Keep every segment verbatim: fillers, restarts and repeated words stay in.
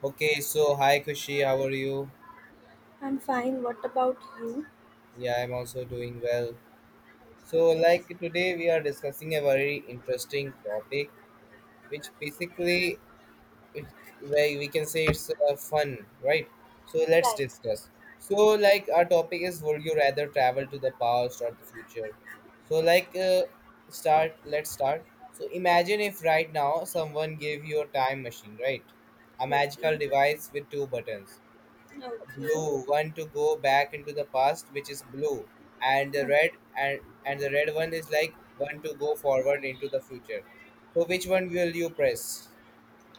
Okay, so hi Kushi, how are you? I'm fine. What about you? Yeah, I'm also doing well. So, like today, we are discussing a very interesting topic, which basically, it, where we can say it's uh, fun, right? So, let's Right. discuss. So, like, our topic is Would you rather travel to the past or the future? So, like, uh, start, let's start. So, imagine if right now someone gave you a time machine, right? A magical Okay. device with two buttons, Okay. blue one to go back into the past, which is blue, and the Mm. red and and the red one is like one to go forward into the future. So which one will you press?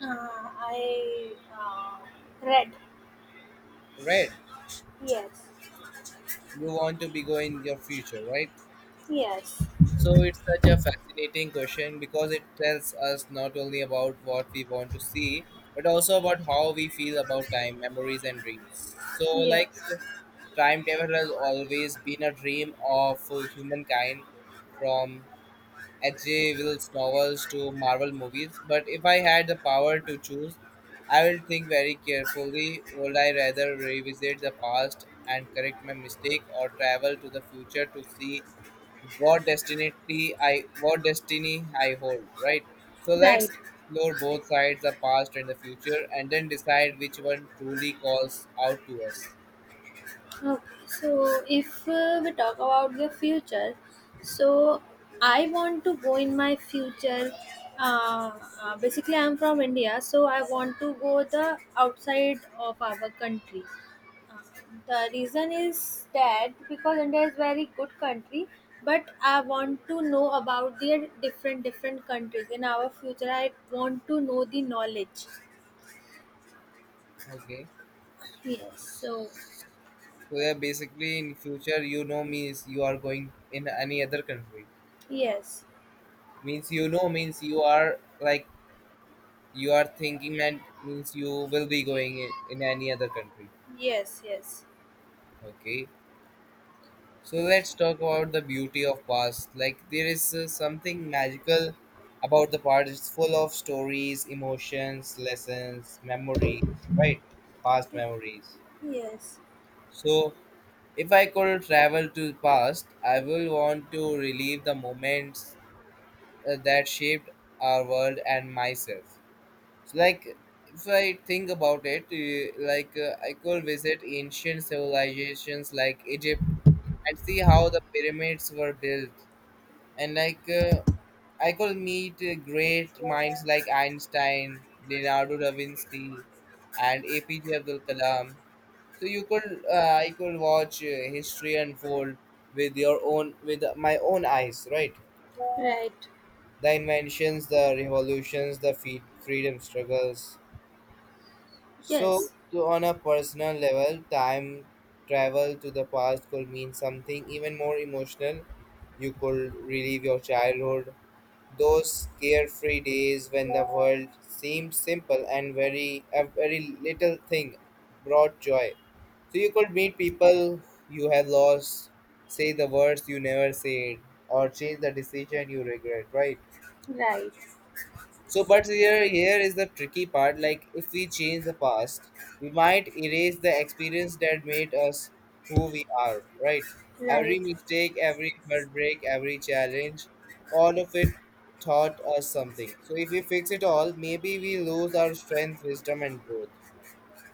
Uh, I uh, read. Red. Yes. You want to be going your future, right? Yes. So it's such a fascinating question, because it tells us not only about what we want to see but also about how we feel about time, memories, and dreams. So, like, Yes. time travel has always been a dream of uh, humankind, from H J. Will's novels to Marvel movies, but if I had the power to choose, I will think very carefully. Would I rather revisit the past and correct my mistake, or travel to the future to see what destiny I what destiny I hold, right? So let's Right. explore both sides, the past and the future, and then decide which one truly calls out to us. Okay. So if uh, we talk about the future, so I want to go in my future. Uh, uh, basically, I'm from India, so I want to go the outside of our country. The reason is that because India is very good country, but I want to know about their different different countries in our future. I want to know the knowledge. Okay. Yes. So So yeah, basically in future, you know, me is you are going in any other country. yes, Means, you know, means you are like, you are thinking, and means you will be going in, in any other country. yes, yes, Okay. So let's talk about the beauty of past. Like, there is uh, something magical about the past. It's full of stories, emotions, lessons, memories, right? Past memories. yes. So if I could travel to the past, I will want to relive the moments uh, that shaped our world and myself. So like, if I think about it, uh, like uh, I could visit ancient civilizations like Egypt and see how the pyramids were built, and like uh, I could meet uh, great minds like Einstein, Leonardo da Vinci, and A P J Abdul Kalam. So you could uh, I could watch uh, history unfold with your own with my own eyes, right? Right. The inventions, the revolutions, the feed, freedom struggles. So, Yes. to, on a personal level, time travel to the past could mean something even more emotional. You could relive your childhood, those carefree days when the world seemed simple and very a very little thing brought joy. So you could meet people you have lost, say the words you never said, or change the decision you regret, right? Right. So, but here, here is the tricky part. Like, if we change the past, we might erase the experience that made us who we are, right? Every Right. mistake, every heartbreak, every challenge, all of it taught us something. So, if we fix it all, maybe we lose our strength, wisdom, and growth.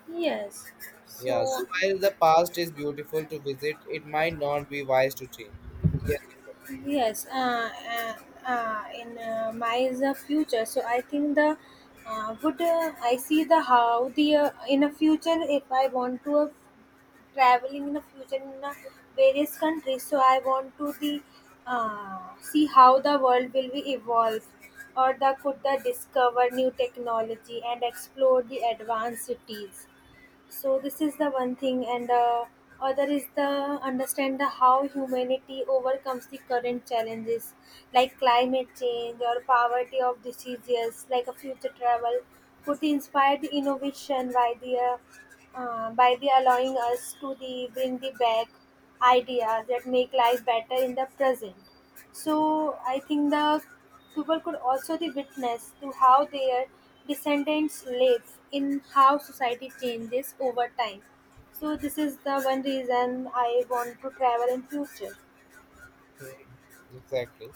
Yes. Yeah, So so while the past is beautiful to visit, it might not be wise to change. Yes, you Yes, uh, uh, uh, in uh, my is the future. So I think the uh, would uh, I see the how the uh, in a future if I want to uh, traveling in a future in uh, various countries. So I want to the uh, see how the world will be evolve or the could the discover new technology and explore the advanced cities, so this is the one thing, and uh, other is the understand the how humanity overcomes the current challenges like climate change or poverty of diseases. Like a future travel could inspire the innovation by the uh, uh, by the allowing us to the bring the back ideas that make life better in the present. So I think the people could also be witness to how their descendants live in how society changes over time. So this is the one reason I want to travel in future. can. Mhm. Exactly.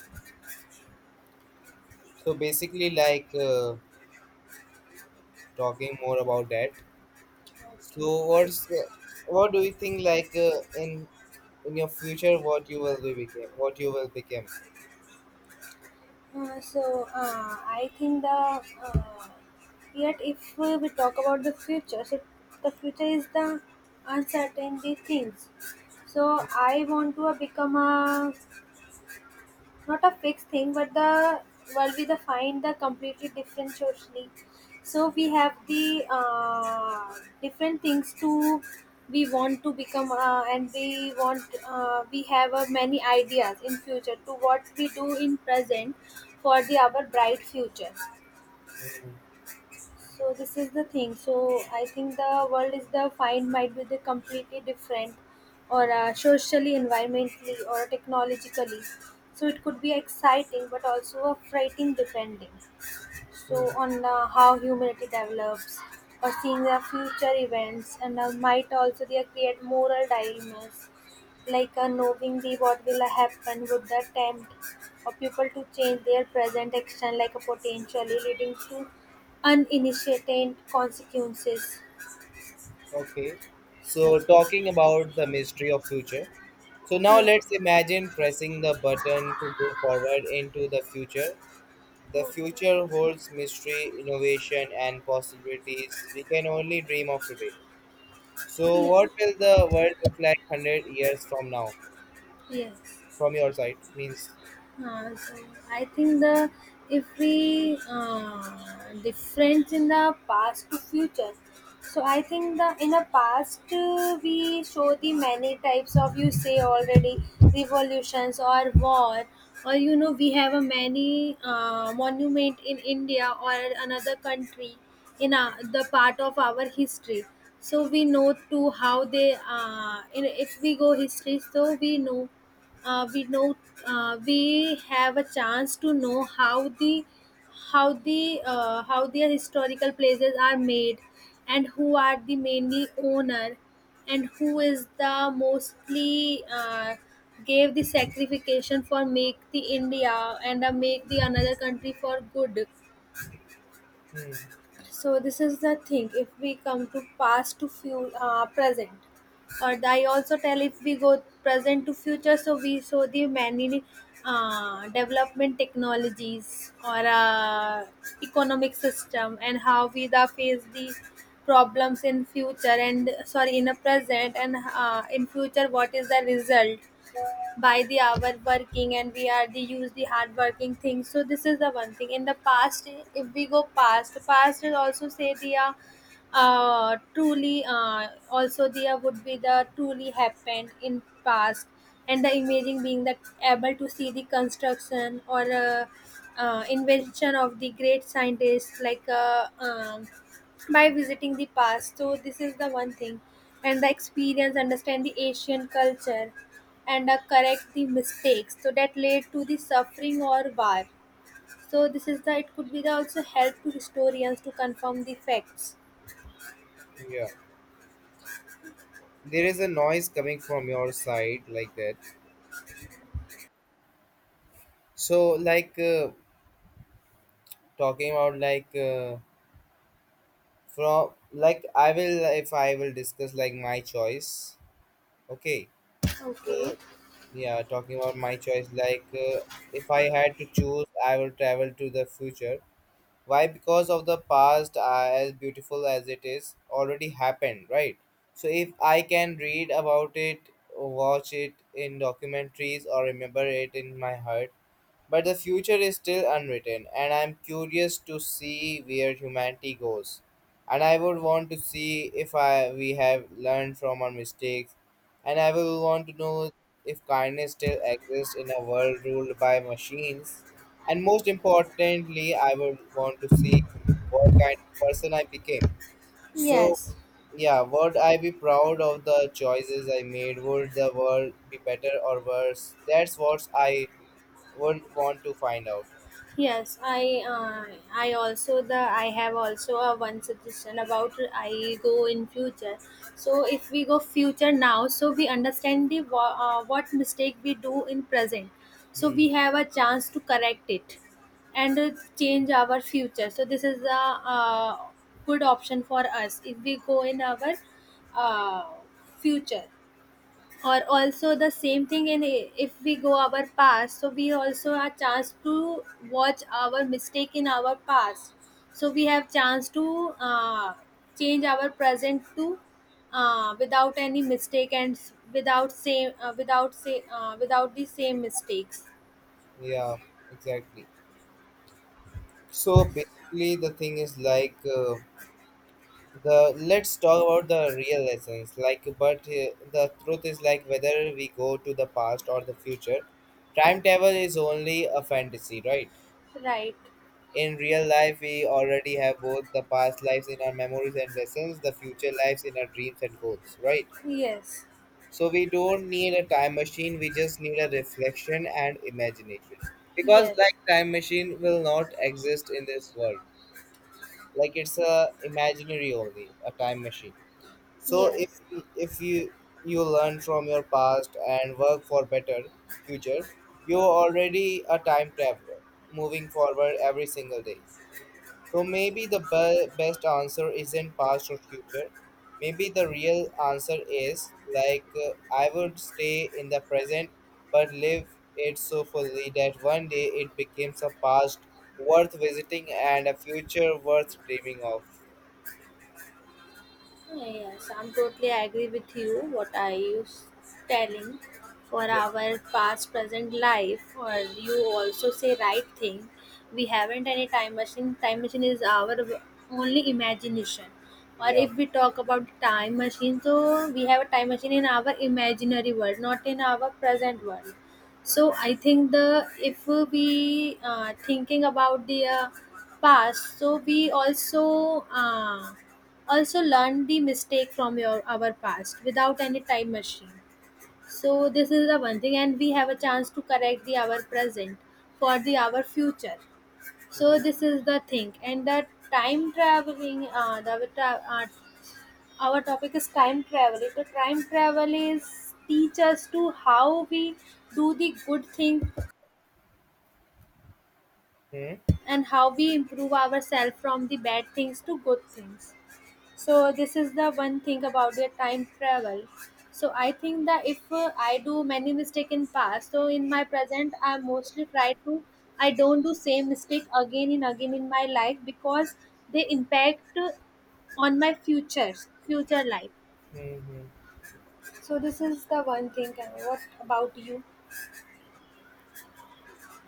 So, basically, like uh, talking more about that. So Okay. what's what do you think, like uh, in in your future what you will be became what you will become? Uh, so uh, I think the uh, yet if we we talk about the future, so the future is the uncertainty things. So I want to become a, it's not a fixed thing, but the world we the find the completely different socially, so we have the uh, different things to we want to become uh, and we want uh, we have uh, many ideas in future to what we do in present for the our bright future, Hmm. so this is the thing. So I think the world is the find might be the completely different, or uh, socially, environmentally, or technologically. So it could be exciting, but also a frightening depending, so Mhm. on uh, how humanity develops or seeing the future events, and uh, might also they create moral dilemmas, like uh, knowing the what will happen would the attempt of people to change their present action, like a potentially leading to uninitiated consequences. Okay. So talking about the mystery of future. So now Yeah, let's imagine pressing the button to go forward into the future. The okay. future holds mystery, innovation, and possibilities we can only dream of today. So Yeah, what will the world look like one hundred years from now? yes. From your side means, Uh, so I think the if we uh, difference in the past to future. So I think the in the past uh, we show the many types of you say already revolutions or war. Or you know we have a many uh, monument in India or another country in uh, the part of our history. So we know too how they uh, in, if we go history, so we know uh, we know uh, we have a chance to know how the how the uh, how their historical places are made, and who are the mainly owner, and who is the mostly uh, gave the sacrification for make the india, and uh, make the another country for good. hmm, So this is the thing. If we come to past to fuel uh, present, or I also tell if we go present to future, so we show the many uh, development technologies or uh, economic system, and how we the face the problems in future and sorry in a present, and uh, in future what is the result by the hour working, and we are the use the hard working thing. So this is the one thing in the past. If we go past, past is also say the uh, uh truly uh also the uh, would be the truly happened in past, and the imaging being the able to see the construction or uh, uh, invention of the great scientists like uh, um, by visiting the past. So this is the one thing, and the experience, understand the ancient culture, and uh, correct the mistakes. So that led to the suffering or war. So this is the, it could be the also help to historians to confirm the facts. yeah. There is a noise coming from your side like that. So like uh, talking about like uh, from like, I will, if I will discuss like my choice. Okay. Okay. So yeah, talking about my choice, like uh, if I had to choose, I will travel to the future. Why? Because of the past, uh, as beautiful as it is, already happened, right? So if I can read about it, watch it in documentaries, or remember it in my heart. But the future is still unwritten, and I'm curious to see where humanity goes. And I would want to see if I, we have learned from our mistakes, and I will want to know if kindness still exists in a world ruled by machines. And most importantly, I would want to see what kind of person I became. So, Yes. yeah, would I be proud of the choices I made? Would the world be better or worse? That's what I would want to find out. Yes, I uh, I also the I have also a one suggestion about I go in future. So if we go future now, so we understand the wha- uh, what mistake we do in present. So Hmm. we have a chance to correct it, and uh, change our future. So this is a uh, good option for us if we go in our uh, future, or also the same thing in if we go our past, so we also are chance to watch our mistake in our past, so we have chance to uh, change our present to uh, without any mistake, and s- without same uh, without say uh, without the same mistakes. Yeah, exactly. So basically, the thing is like uh, the let's talk about the real lessons. Like, but uh, the truth is, like, whether we go to the past or the future, timetable is only a fantasy, right? Right. In real life, we already have both. The past lives in our memories and lessons, the future lives in our dreams and goals, right? Yes, So we don't need a time machine, we just need a reflection and imagination. Because yes, like, time machine will not exist in this world. Like, it's a imaginary only, a time machine. So yes. if if you you learn from your past and work for better future, you're already a time traveler, moving forward every single day. So maybe the be- best answer isn't past or future. Maybe the real answer is like uh, I would stay in the present but live it so fully that one day it becomes a past worth visiting and a future worth dreaming of. Yes, I'm totally agree with you. What I was telling for Yeah, our past present life, or you also say right thing. We haven't any time machine. Time machine is our only imagination. Or yeah. if we talk about time machine, so we have a time machine in our imaginary world, not in our present world. So I think the if we uh, thinking about the uh, past, so we also. Uh, also learn the mistake from your our past without any time machine, so this is the one thing, and we have a chance to correct the our present for the our future. So this is the thing, and the time traveling uh, the tra- uh, our topic is time traveling, the time travel is teach us to how we do the good thing, Hmm. and how we improve ourselves from the bad things to good things. So this is the one thing about their time travel. So I think that if uh, I do many mistake in past, so in my present I mostly try to, I don't do same mistake again and again in my life, because they impact uh, on my future future life. Hmm. So this is the one thing, and what about you?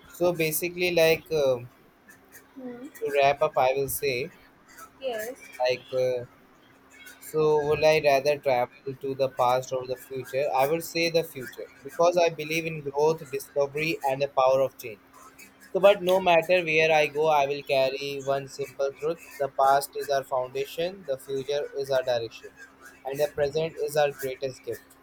So basically, like um Hmm. to wrap up, I will say Yes. like. Uh, so, would I rather travel to the past or the future? I would say the future, because I believe in growth, discovery, and the power of change. So, but no matter where I go, I will carry one simple truth: the past is our foundation, the future is our direction, and the present is our greatest gift.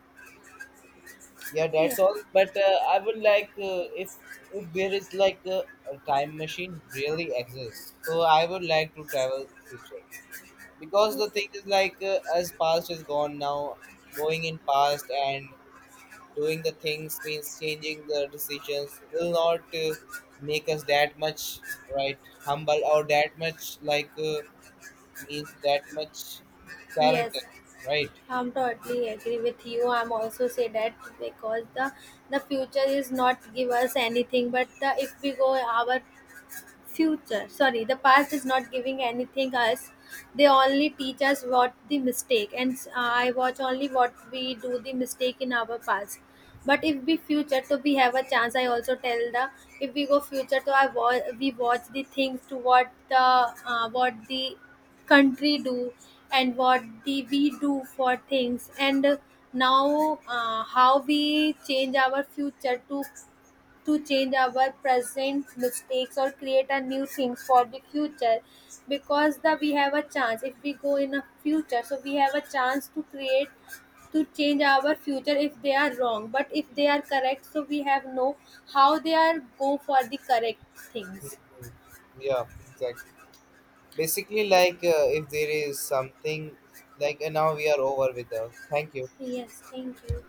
Yeah, that's Yeah. all. But uh, I would like uh, if, if there is like a, a time machine really exists, so I would like to travel future, because the Mm, thing is like uh, as past is gone now, going in past and doing the things, means changing the decisions will not uh, make us that much, right, humble or that much like uh, means that much character, yes, right? I'm totally agree with you. I'm also say that because the the future is not give us anything, but the, if we go our future sorry the past is not giving anything us, they only teach us what the mistake, and uh, I watch only what we do the mistake in our past. But if we future, so we have a chance, I also tell the, if we go future, so I wa- we watch the things to what the uh, what the country do, and what the we do for things, and uh, now uh, how we change our future to to change our present mistakes or create a new things for the future, because the we have a chance if we go in a future, so we have a chance to create, to change our future if they are wrong, but if they are correct so we have no how they are go for the correct things. Mhm. Yeah, exactly. Basically like uh, if there is something like uh, now we are over with her. Thank you. Yes, thank you.